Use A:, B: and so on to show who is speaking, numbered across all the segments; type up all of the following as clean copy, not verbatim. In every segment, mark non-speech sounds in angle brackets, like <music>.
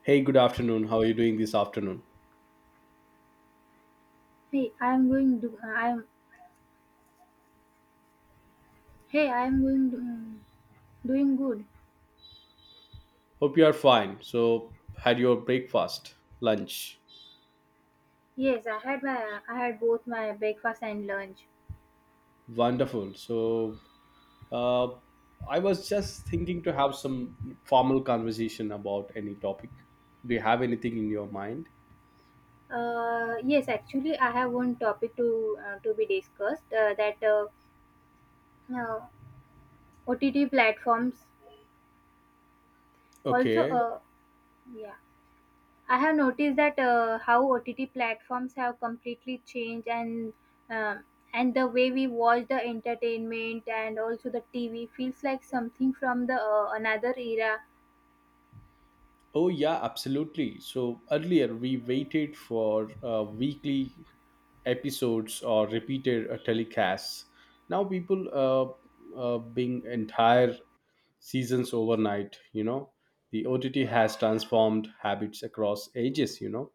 A: Hey, good afternoon. How are you doing this afternoon?
B: Hey, I am going do I am hey, I am going do, Doing good.
A: Hope you are fine. So, had your breakfast, lunch.
B: Yes, I had both my breakfast and lunch.
A: Wonderful. So, uh, I was just thinking to have some formal conversation about any topic. Do you have anything in your mind?
B: Yes, Actually, I have one topic to be discussed that uh, OTT platforms. Also
A: Okay.
B: yeah I have noticed that how OTT platforms have completely changed um, and the way we watch the entertainment, and also the TV feels like something from the another era.
A: Oh, yeah, absolutely. So earlier we waited for weekly episodes or repeated telecasts. Now people being entire seasons overnight, you know. The OTT has transformed habits across ages, you know.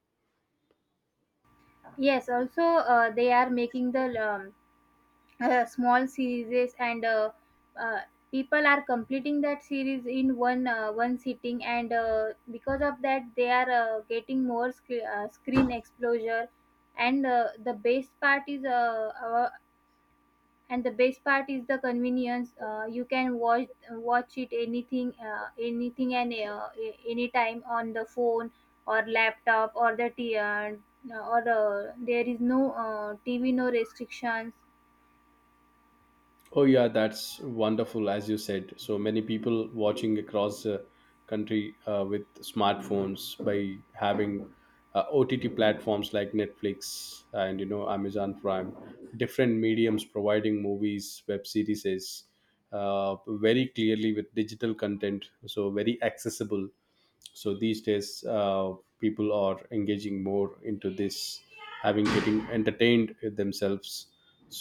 B: Yes, also they are making the small series, and uh, people are completing that series in one sitting, and because of that they are getting more screen exposure. and uh, the best part is uh, our, and the best part is the convenience. You can watch it anything and anytime on the phone or laptop or there is no TV, no restrictions.
A: Oh yeah, that's wonderful. As you said, so many people watching across the country with smartphones by having OTT platforms like Netflix and, you know, Amazon Prime, different mediums providing movies, web series, very clearly with digital content, so very accessible, so these days, people are engaging more into this, having, getting entertained themselves.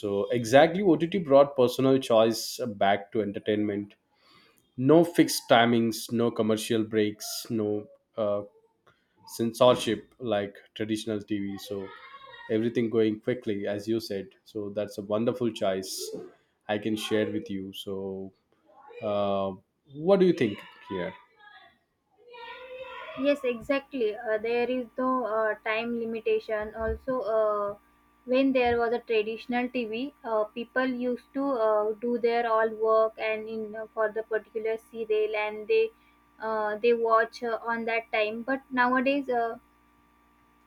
A: So exactly, OTT brought personal choice back to entertainment. No fixed timings, no commercial breaks, no uh, censorship like traditional TV. So everything going quickly, as you said, so that's a wonderful choice I can share with you. So uh, what do you think here?
B: Yes, exactly. There is no time limitation. Also, when there was a traditional TV, people used to do their all work and in for the particular serial, and they watch on that time. But nowadays, uh,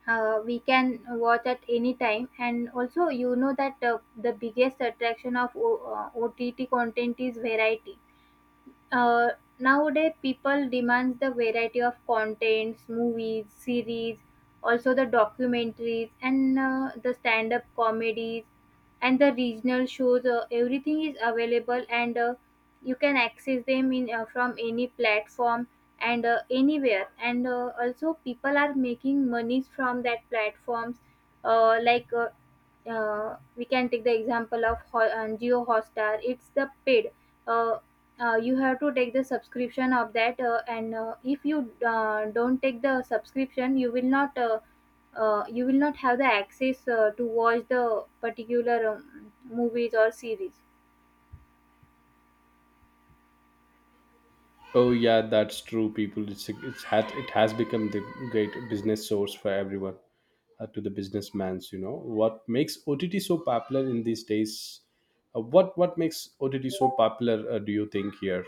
B: uh, we can watch at any time. And also, you know that the biggest attraction of OTT content is variety. uh, Nowadays, people demands the variety of contents: movies, series, also the documentaries, and the stand-up comedies, and the regional shows. Everything is available, and you can access them in from any platform and anywhere. And Also, people are making monies from that platforms, uh, like. Uh, we can take the example of Geo Hotstar. It's the paid. Uh, you have to take the subscription of that, and if you don't take the subscription, you will not have the access to watch the particular movies or series.
A: Oh yeah, that's true. People, it's had, it has become the great business source for everyone, to the businessmans. You know what makes OTT so popular in these days? What makes OTT so popular? Do you think here?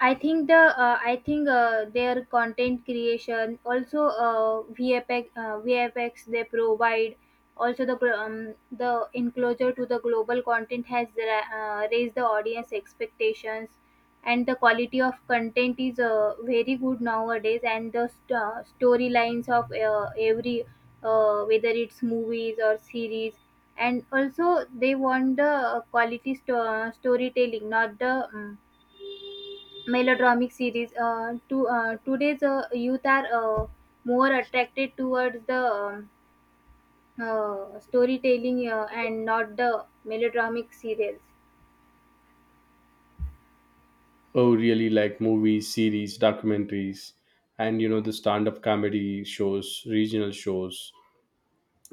B: I think their content creation, also VFX. VFX they provide. Also the the enclosure to the global content has raised the audience expectations, and the quality of content is very good nowadays, and the storylines of every whether it's movies or series. And also they want the quality storytelling, not the melodramatic series. To Today's youth are uh, more attracted towards the storytelling, and not the melodramatic serials.
A: Oh, really? Like movies, series, documentaries, and you know the stand-up comedy shows, regional shows.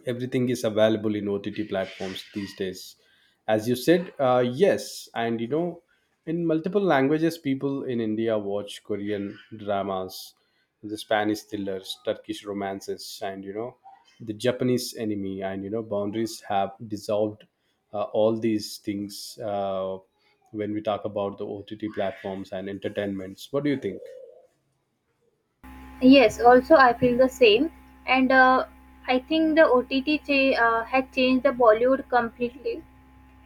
A: Everything is available in OTT platforms these days, as you said. Uh, yes, and you know, in multiple languages, people in India watch Korean dramas, the Spanish thrillers, Turkish romances, and you know, the Japanese anime, and you know, boundaries have dissolved. Uh, all these things, when we talk about the OTT platforms and entertainments, what do you think?
B: Yes, also I feel the same. And I think the OTT had changed the Bollywood completely.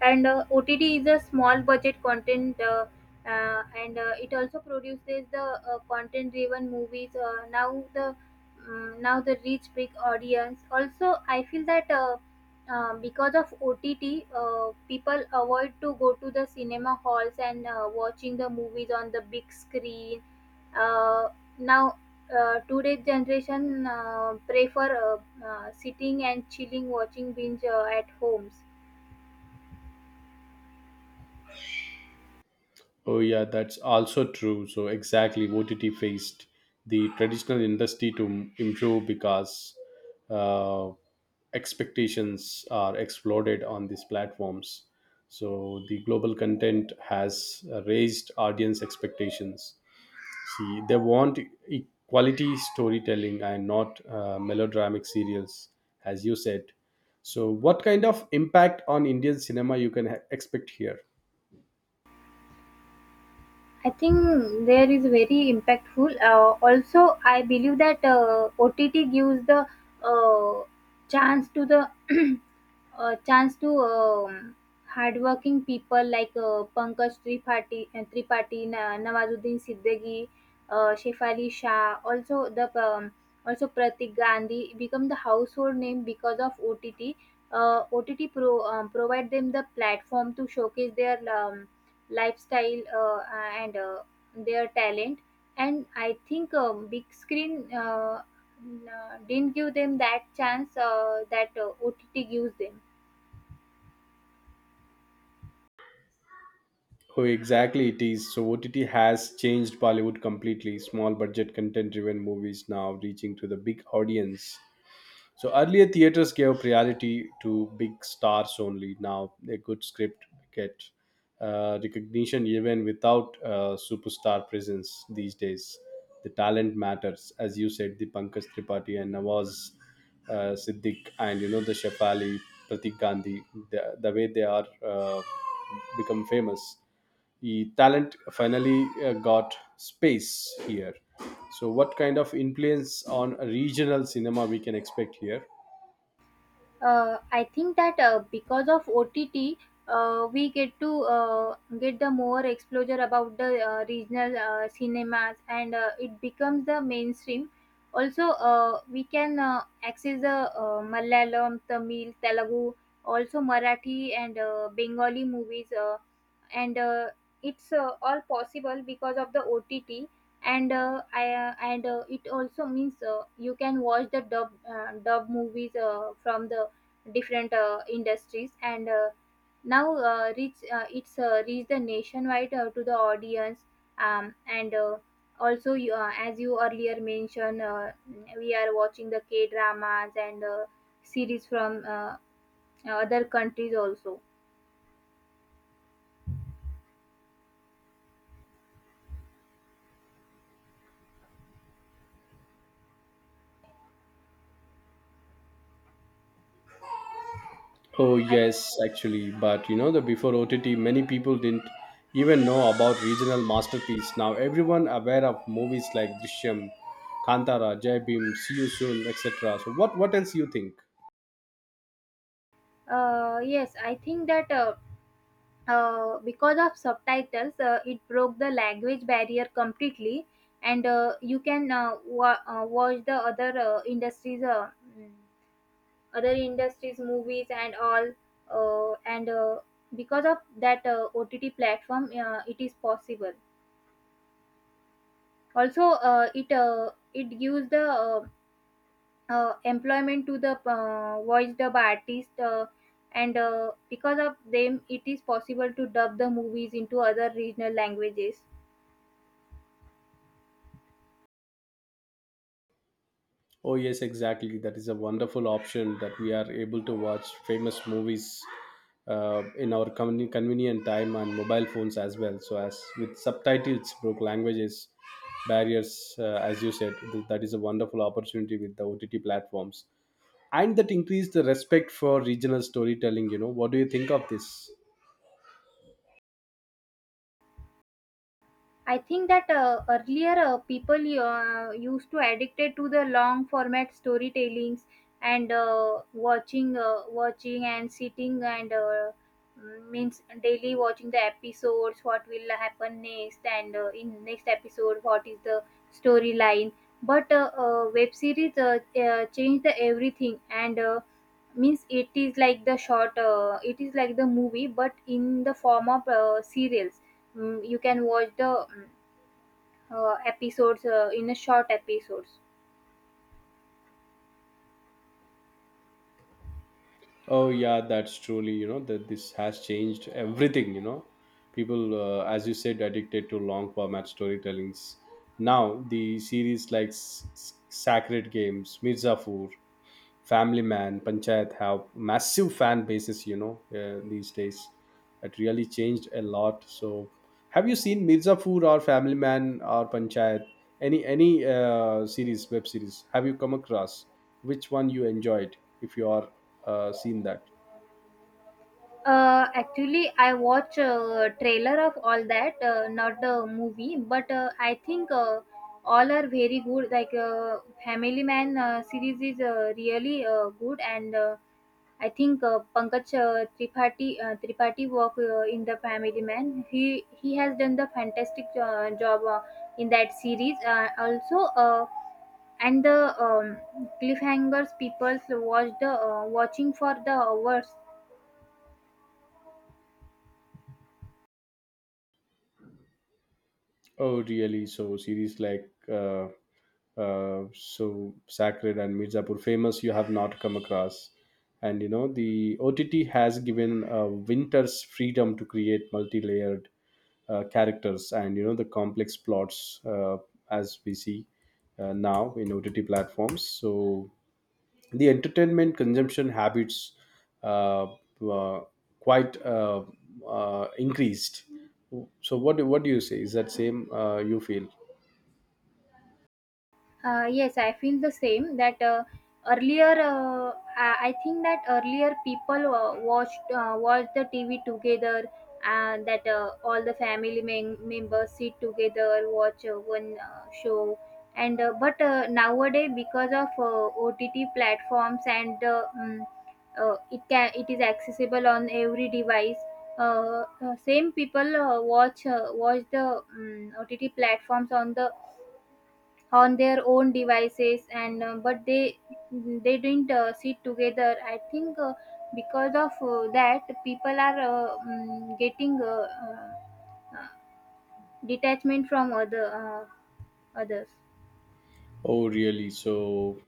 B: And OTT is a small budget content, and it also produces the content-driven movies. Now the reach big audience. Also, I feel that because of OTT, people avoid to go to the cinema halls and watching the movies on the big screen. uh, Now today's generation prefer sitting and chilling, watching binge at homes.
A: Oh, yeah, that's also true. So, exactly, OTT faced the traditional industry to improve because uh, expectations are exploded on these platforms. So, the global content has raised audience expectations. See, they want quality storytelling and not melodramatic serials, as you said. So, what kind of impact on Indian cinema you can expect here?
B: I think there is very impactful. Also I believe that OTT gives the uh, chance to the <clears throat> a chance to hardworking people like Pankaj Tripathi, Nawazuddin Siddiqui, Shefali Shah, also the also Pratik Gandhi become the household name because of OTT. OTT provide them the platform to showcase their lifestyle and their talent. And I think big screen didn't give them that chance that OTT gives them.
A: Oh, exactly, it is. So, OTT has changed Bollywood completely. Small budget, content driven movies now reaching to the big audience. So, earlier theaters gave priority to big stars only. Now, a good script get recognition even without superstar presence these days. The talent matters, as you said, the Pankaj Tripathi and Nawaz Siddiq, and you know, the Shefali, Pratik Gandhi, the way they are become famous, the talent finally got space here. So, what kind of influence on regional cinema we can expect here?
B: I think that because of OTT, we get the more exposure about the regional cinemas, and it becomes the mainstream. Also, we can access the Malayalam, Tamil, Telugu, also Marathi, and Bengali movies. And it's all possible because of the OTT. And I, and It also means you can watch the dub movies from the different industries, and now reach it's reached the nationwide to the audience. And Also you, as you earlier mentioned, we are watching the K dramas and series from other countries also.
A: Oh
B: I
A: yes, actually, but you know, the before OTT, many people didn't even know about regional masterpiece. Now everyone aware of movies like Drishyam, Kantara, Jai Bhim, See You Soon, etc. So what else you think?
B: Yes, I think that because of subtitles, it broke the language barrier completely, and you can watch the other mm, other industries movies and all, and because of that OTT platform, it is possible. Also, it gives the employment to the voice dub artist. And Because of them, it is possible to dub the movies into other regional languages.
A: Oh, yes, exactly. That is a wonderful option that we are able to watch famous movies in our convenient time and mobile phones as well. So, as with subtitles, broke languages barriers, as you said, that is a wonderful opportunity with the OTT platforms, and that increased the respect for regional storytelling. You know, what do you think of this?
B: I think that earlier people used to addicted to the long format storytellings, and watching and sitting and, means, daily watching the episodes, what will happen next, and in next episode what is the storyline. But web series changed the everything. And. Means it is like the short, it is like the movie but in the form of serials. You can watch the mm, episodes in a short episodes.
A: Oh yeah, that's truly, you know, that this has changed everything. You know, people, as you said, addicted to long format storytellings. Now the series like Sacred Games, Mirzapur, Family Man, Panchayat have massive fan bases. You know, these days, it really changed a lot. So have you seen Mirzapur or Family Man or Panchayat? Any series, web series, have you come across? Which one you enjoyed, if you are seen that?
B: Actually I watch trailer of all that, not the movie, but I think all are very good. Like Family Man series is really good. And I think Pankaj Tripathi work in the Family Man, he has done the fantastic job in that series. Also and the cliffhangers, people watched, watching for the hours.
A: Oh, really? So series like so Sacred and Mirzapur famous you have not come across, and you know, the OTT has given Winters freedom to create multi-layered characters and you know, the complex plots, as we see now in OTT platforms. So the entertainment consumption habits uh, uh, quite increased. So what do you say? Is that same, you feel?
B: Yes, I feel the same. That Earlier, I think that earlier people watched the TV together, and that all the family members sit together, watch one show. And but Nowadays, because of OTT platforms and, it is accessible on every device. Same people watch the OTT platforms on the on their own devices, and but they didn't sit together. I think because of that, people are getting uh, detachment from others.
A: Oh, really? So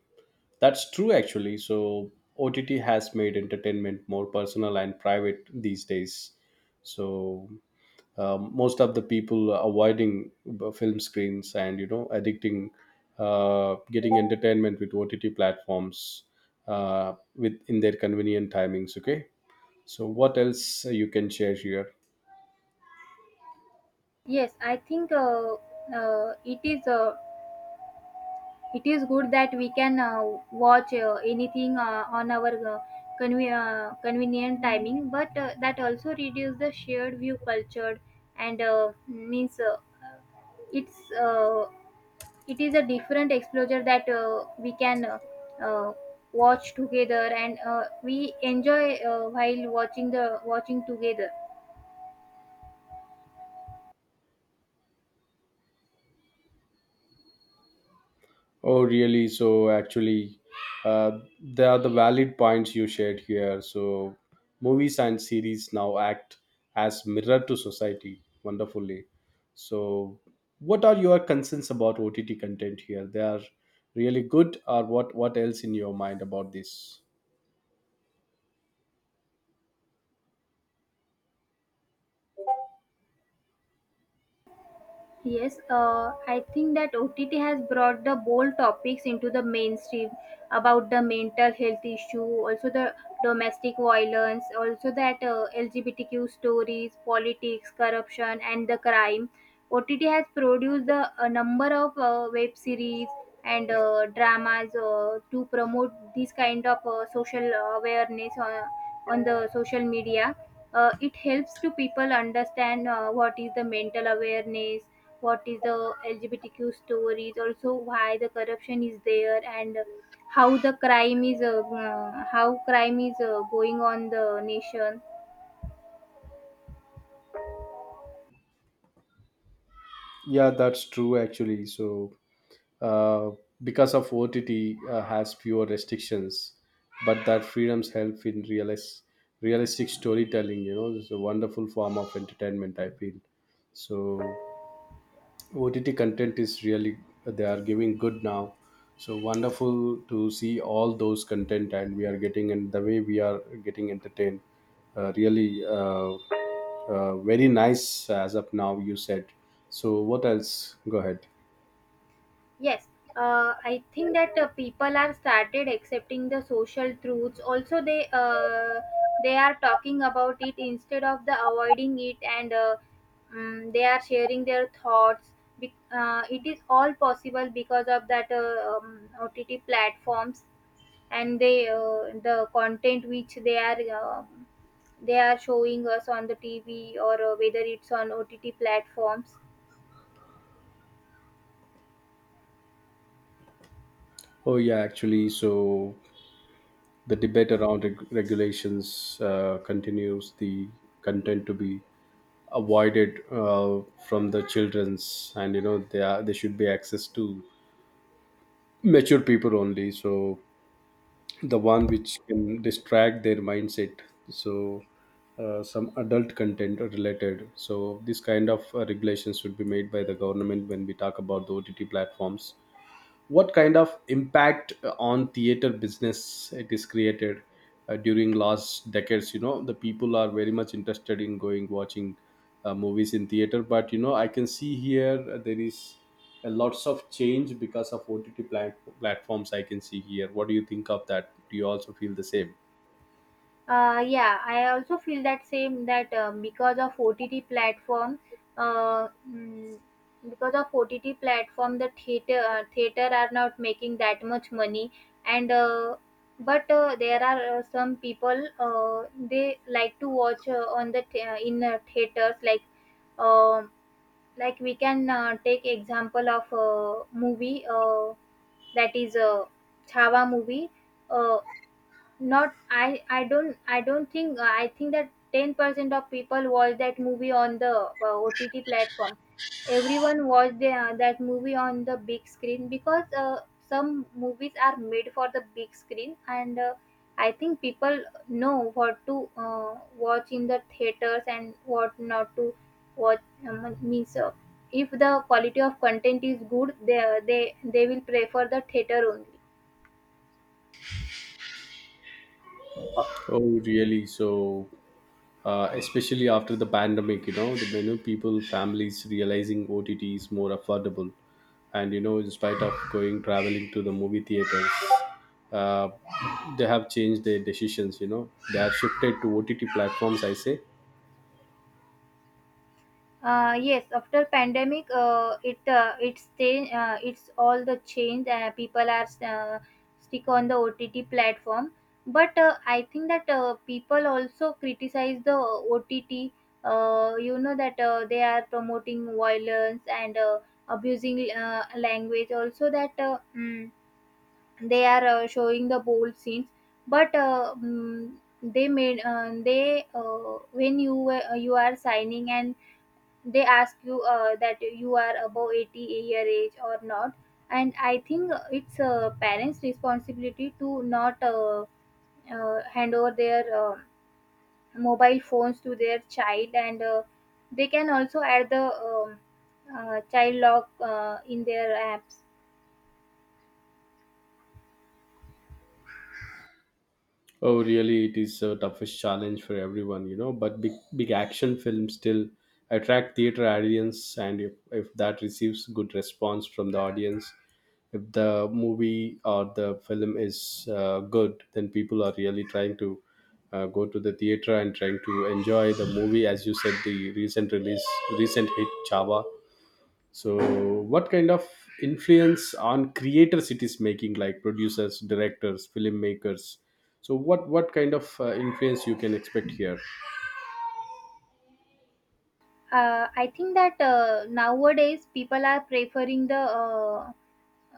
A: that's true actually. So OTT has made entertainment more personal and private these days. So, most of the people are avoiding film screens and you know, addicting, getting entertainment with OTT platforms with in their convenient timings. Okay, so what else you can share here?
B: Yes, I think uh, it is uh, it is good that we can watch anything on our convenient timing, but that also reduces the shared view culture, and means it's it is a different exposure that we can uh, watch together, and we enjoy while watching together.
A: Oh, really? So actually, they are the valid points you shared here. So movies and series now act as mirror to society wonderfully. So what are your concerns about OTT content here? They are really good, or what? What else in your mind about this?
B: Yes, I think that OTT has brought the bold topics into the mainstream about the mental health issue, also the domestic violence, also that LGBTQ stories, politics, corruption, and the crime. OTT has produced a number of web series and dramas to promote this kind of social awareness on the social media. It helps to people understand what is the mental awareness, what is the LGBTQ stories, also why the corruption is there, and how the crime is how crime is going on the nation.
A: Yeah, that's true actually. So, uh, because of OTT has fewer restrictions, but that freedoms help in realistic storytelling. You know, it's a wonderful form of entertainment. I feel so. OTT content is really, they are giving good now. So wonderful to see all those content, and we are getting, and the way we are getting entertained. Really, very nice as of now, you said. So what else? Go ahead.
B: Yes, I think that people are started accepting the social truths. Also, they are talking about it instead of the avoiding it, and they are sharing their thoughts. Be- it is all possible because of that OTT platforms, and the content which they are, they are showing us on the TV, or whether it's on OTT platforms.
A: Oh yeah, actually, so the debate around regulations continues. The content to be avoided from the children's, and you know, they are, they should be access to mature people only. So the one which can distract their mindset, so some adult content are related. So this kind of regulations should be made by the government when we talk about the OTT platforms. What kind of impact on theater business it is created during last decades? You know, the people are very much interested in going watching movies in theater, but you know, I can see here, there is a lots of change because of OTT platforms, I can see here. What do you think of that? Do you also feel the same?
B: Yeah, I also feel that same, that because of OTT platform, uh, mm, because of OTT platform, the theater are not making that much money, and but there are some people, they like to watch in theaters. Like um like we can take example of a movie, that is a Chhava movie. Uh, not I I don't, I don't think I think that 10% of people watch that movie on the OTT platform. Everyone watch that movie on the big screen, because some movies are made for the big screen, and I think people know what to watch in the theaters and what not to watch. Means If the quality of content is good, they will prefer the theater only.
A: Oh really, so especially after the pandemic, you know, the many people, families realizing OTT is more affordable, and you know, in spite of going traveling to the movie theaters, uh, they have changed their decisions. You know, they have shifted to OTT platforms, I say.
B: Yes, after pandemic, it's change, it's all the change. People are stick on the OTT platform, but I think that people also criticize the OTT. You know that they are promoting violence and abusing language. Also, that they are showing the bold scenes, but they made they when you are signing and they ask you that you are above 80-year age or not, and I think it's parents responsibility to not hand over their mobile phones to their child, and they can also add the um, child lock in their apps.
A: Oh, really, it is a toughest challenge for everyone, you know. But big, big action films still attract theater audience, and if that receives good response from the audience, if the movie or the film is good, then people are really trying to go to the theater and trying to enjoy the movie. As you said, the recent release, recent hit Chava. So, what kind of influence on creators it is making, like producers, directors, filmmakers? So, what kind of influence you can expect here?
B: I think that nowadays people are preferring the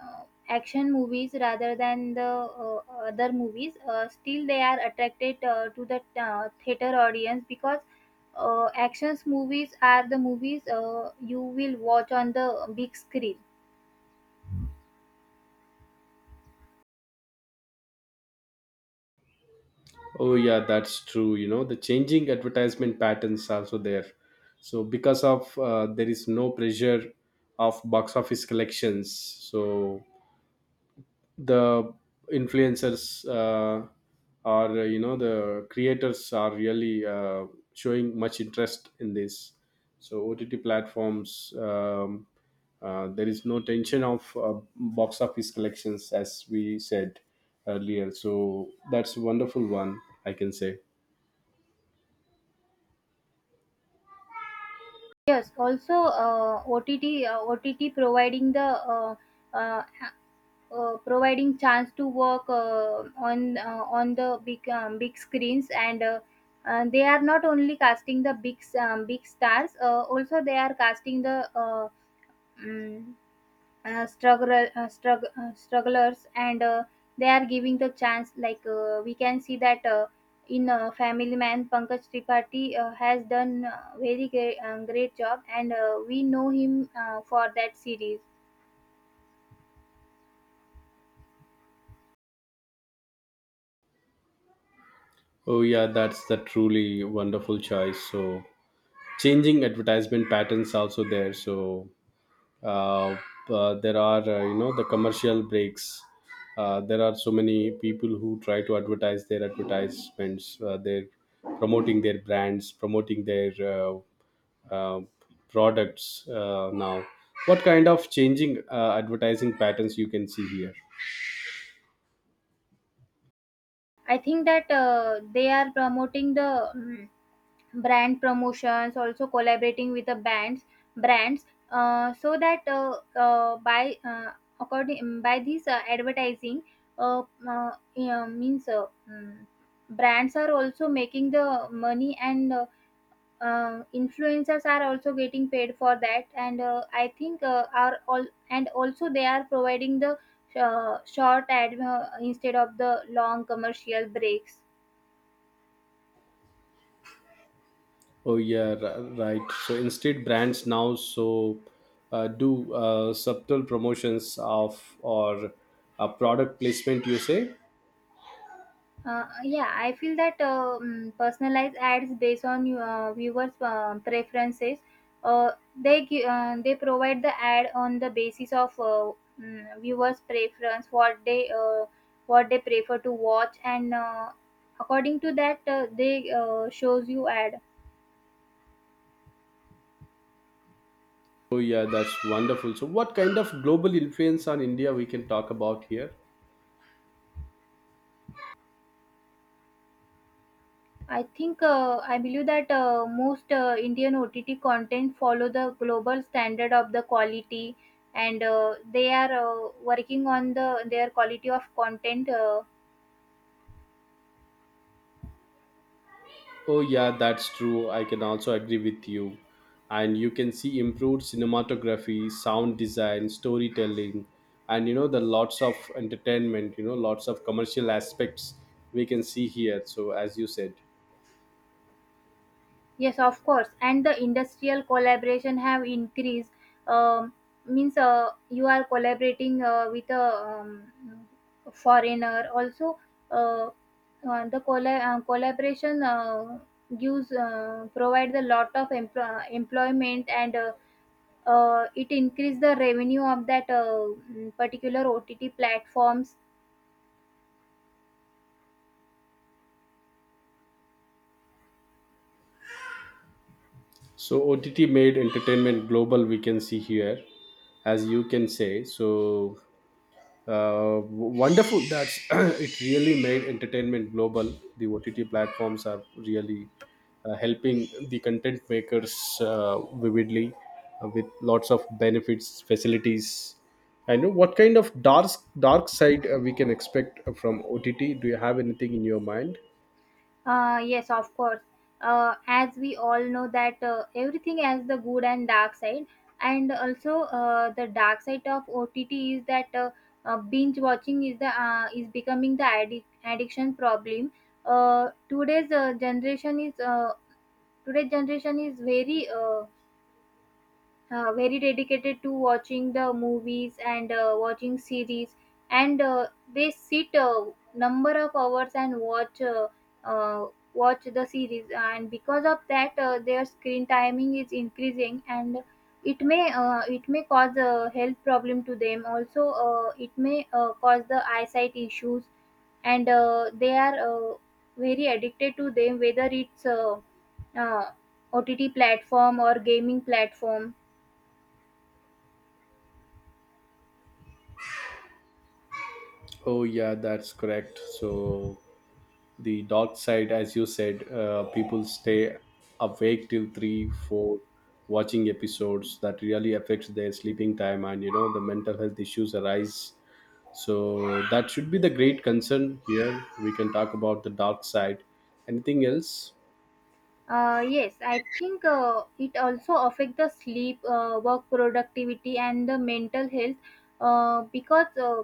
B: uh, action movies rather than the other movies. Still, they are attracted to the theater audience because actions movies are the movies you will watch on the big screen.
A: Oh, yeah, that's true. You know, the changing advertisement patterns also there. So, because of, there is no pressure of box office collections, so the influencers, or, you know, the creators are really, showing much interest in this. So OTT platforms, there is no tension of box office collections, as we said earlier, so that's a wonderful one, I can say.
B: Yes, also OTT providing the uh, uh, providing chance to work on the big big screens, and they are not only casting the big big stars. Uh, also they are casting the uh, mm strugglers, and they are giving the chance. Like we can see that in family man, pankaj tripathi has done very great job, and we know him for that series.
A: Oh yeah, that's the truly wonderful choice. So changing advertisement patterns also there. So uh, there are, you know, the commercial breaks, there are so many people who try to advertise their advertisements, they're promoting their brands, promoting their uh, products. Uh, now what kind of changing advertising patterns you can see here?
B: I think that they are promoting the brand promotions, also collaborating with the brands, so that by according mm, by this advertising, uh, uh, yeah, means uh, mm, brands are also making the money, and influencers are also getting paid for that. And I think are all, and also they are providing the short ad instead of the long commercial breaks.
A: Oh yeah, right. So instead, brands now so do subtle promotions of or product placement, you say.
B: Yeah, I feel that personalized ads based on viewers' preferences. Uh, they provide the ad on the basis of viewers' preference, what they prefer to watch, and according to that, they shows you ad.
A: Oh yeah, that's wonderful. So what kind of global influence on India we can talk about here?
B: I believe that most Indian OTT content follow the global standard of the quality, and they are working on the their quality of content.
A: Oh yeah, that's true. I can also agree with you. And you can see improved cinematography, sound design, storytelling, and you know, the lots of entertainment, you know, lots of commercial aspects we can see here, so as you said.
B: Yes, of course, and the industrial collaboration have increased. Um, means You are collaborating with a foreigner. Also, uh, collaboration gives provide a lot of employment. And it increase the revenue of that particular OTT platforms.
A: So OTT made entertainment global, we can see here, as you can say. So uh, wonderful that <clears throat> it really made entertainment global. The OTT platforms are really helping the content makers vividly with lots of benefits, facilities. I know what kind of dark side we can expect from OTT. Do you have anything in your mind?
B: Yes, of course. As we all know that everything has the good and dark side, and also the dark side of OTT is that binge watching is the is becoming the addiction problem. Today's generation is today's generation is very very dedicated to watching the movies and watching series, and they sit a number of hours and watch uh, watch the series. And because of that their screen timing is increasing, and it may cause a health problem to them. Also it may cause the eyesight issues, and they are very addicted to them, whether it's uh, ott platform or gaming platform.
A: Oh yeah, that's correct. So the dark side, as you said, people stay awake till 3 4 watching episodes, that really affects their sleeping time, and you know, the mental health issues arise. So that should be the great concern here, we can talk about the dark side. Anything else?
B: Yes, I think it also affect the sleep, work productivity, and the mental health, because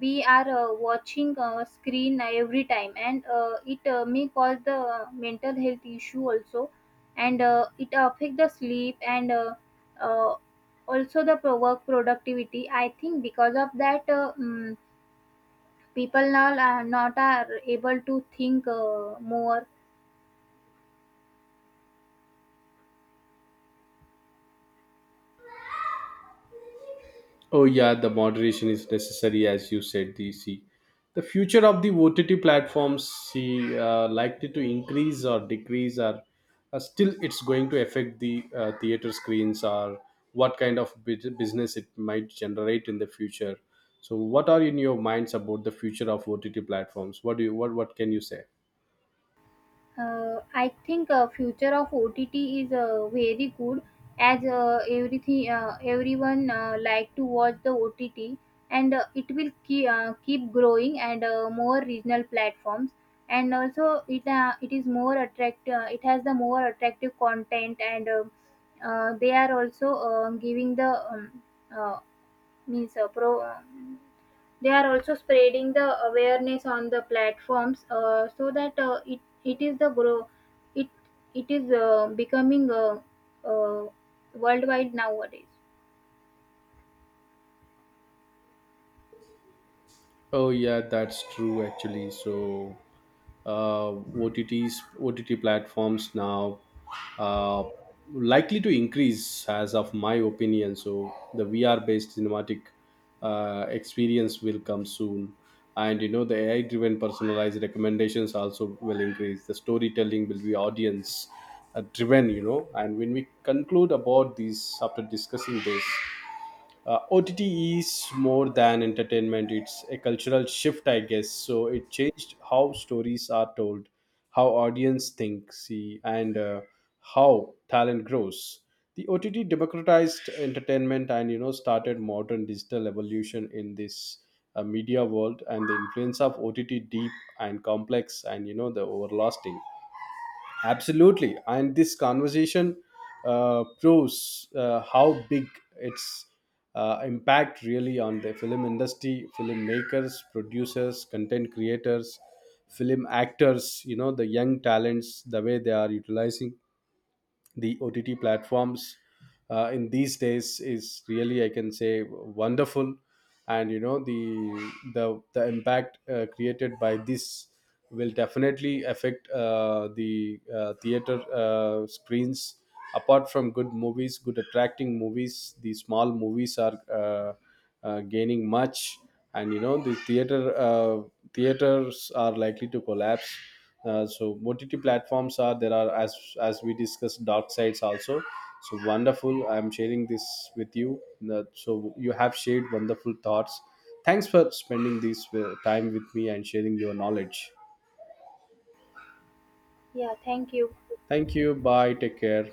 B: we are watching screen every time, and it may cause the mental health issue also, and it affect the sleep, and uh, also the work productivity. I think because of that, people now are not are able to think more.
A: Oh yeah, the moderation is necessary, as you said. The, see, the future of the OTT platforms, see, likely to increase or decrease, or, still it's going to affect the, theater screens, or what kind of business it might generate in the future. So, what are in your minds about the future of OTT platforms? What do you, what can you say?
B: I think future of OTT is very good, as everything everyone like to watch the OTT, and it will keep keep growing, and more regional platforms. And also it is more attract it has the more attractive content, and they are also giving the uh, means pro they are also spreading the awareness on the platforms, so that it it is the grow, it it is becoming uh, worldwide nowadays.
A: Oh yeah, that's true actually. So uh, OTTs, OTT platforms now, uh, likely to increase, as of my opinion. So the VR-based cinematic experience will come soon, and you know, the AI-driven personalized recommendations also will increase. The storytelling will be audience driven, you know. And when we conclude about these, after discussing this, OTT is more than entertainment, it's a cultural shift, I guess. So it changed how stories are told, how audience think, see, and how talent grows. The OTT democratized entertainment, and you know, started modern digital evolution in this media world, and the influence of OTT deep and complex, and you know, the overlasting. Absolutely. And this conversation proves how big its impact really on the film industry, filmmakers, producers, content creators, film actors, you know, the young talents, the way they are utilizing the OTT platforms in these days is really, I can say, wonderful. And you know, the impact created by this will definitely affect the theater screens. Apart from good movies, good attracting movies, the small movies are, gaining much, and you know, the theaters are likely to collapse, so OTT platforms are there, are, as we discussed, dark sides also. So wonderful, I'm sharing this with you. So you have shared wonderful thoughts. Thanks for spending this time with me and sharing your knowledge.
B: Yeah, thank you.
A: Thank you, bye, take care.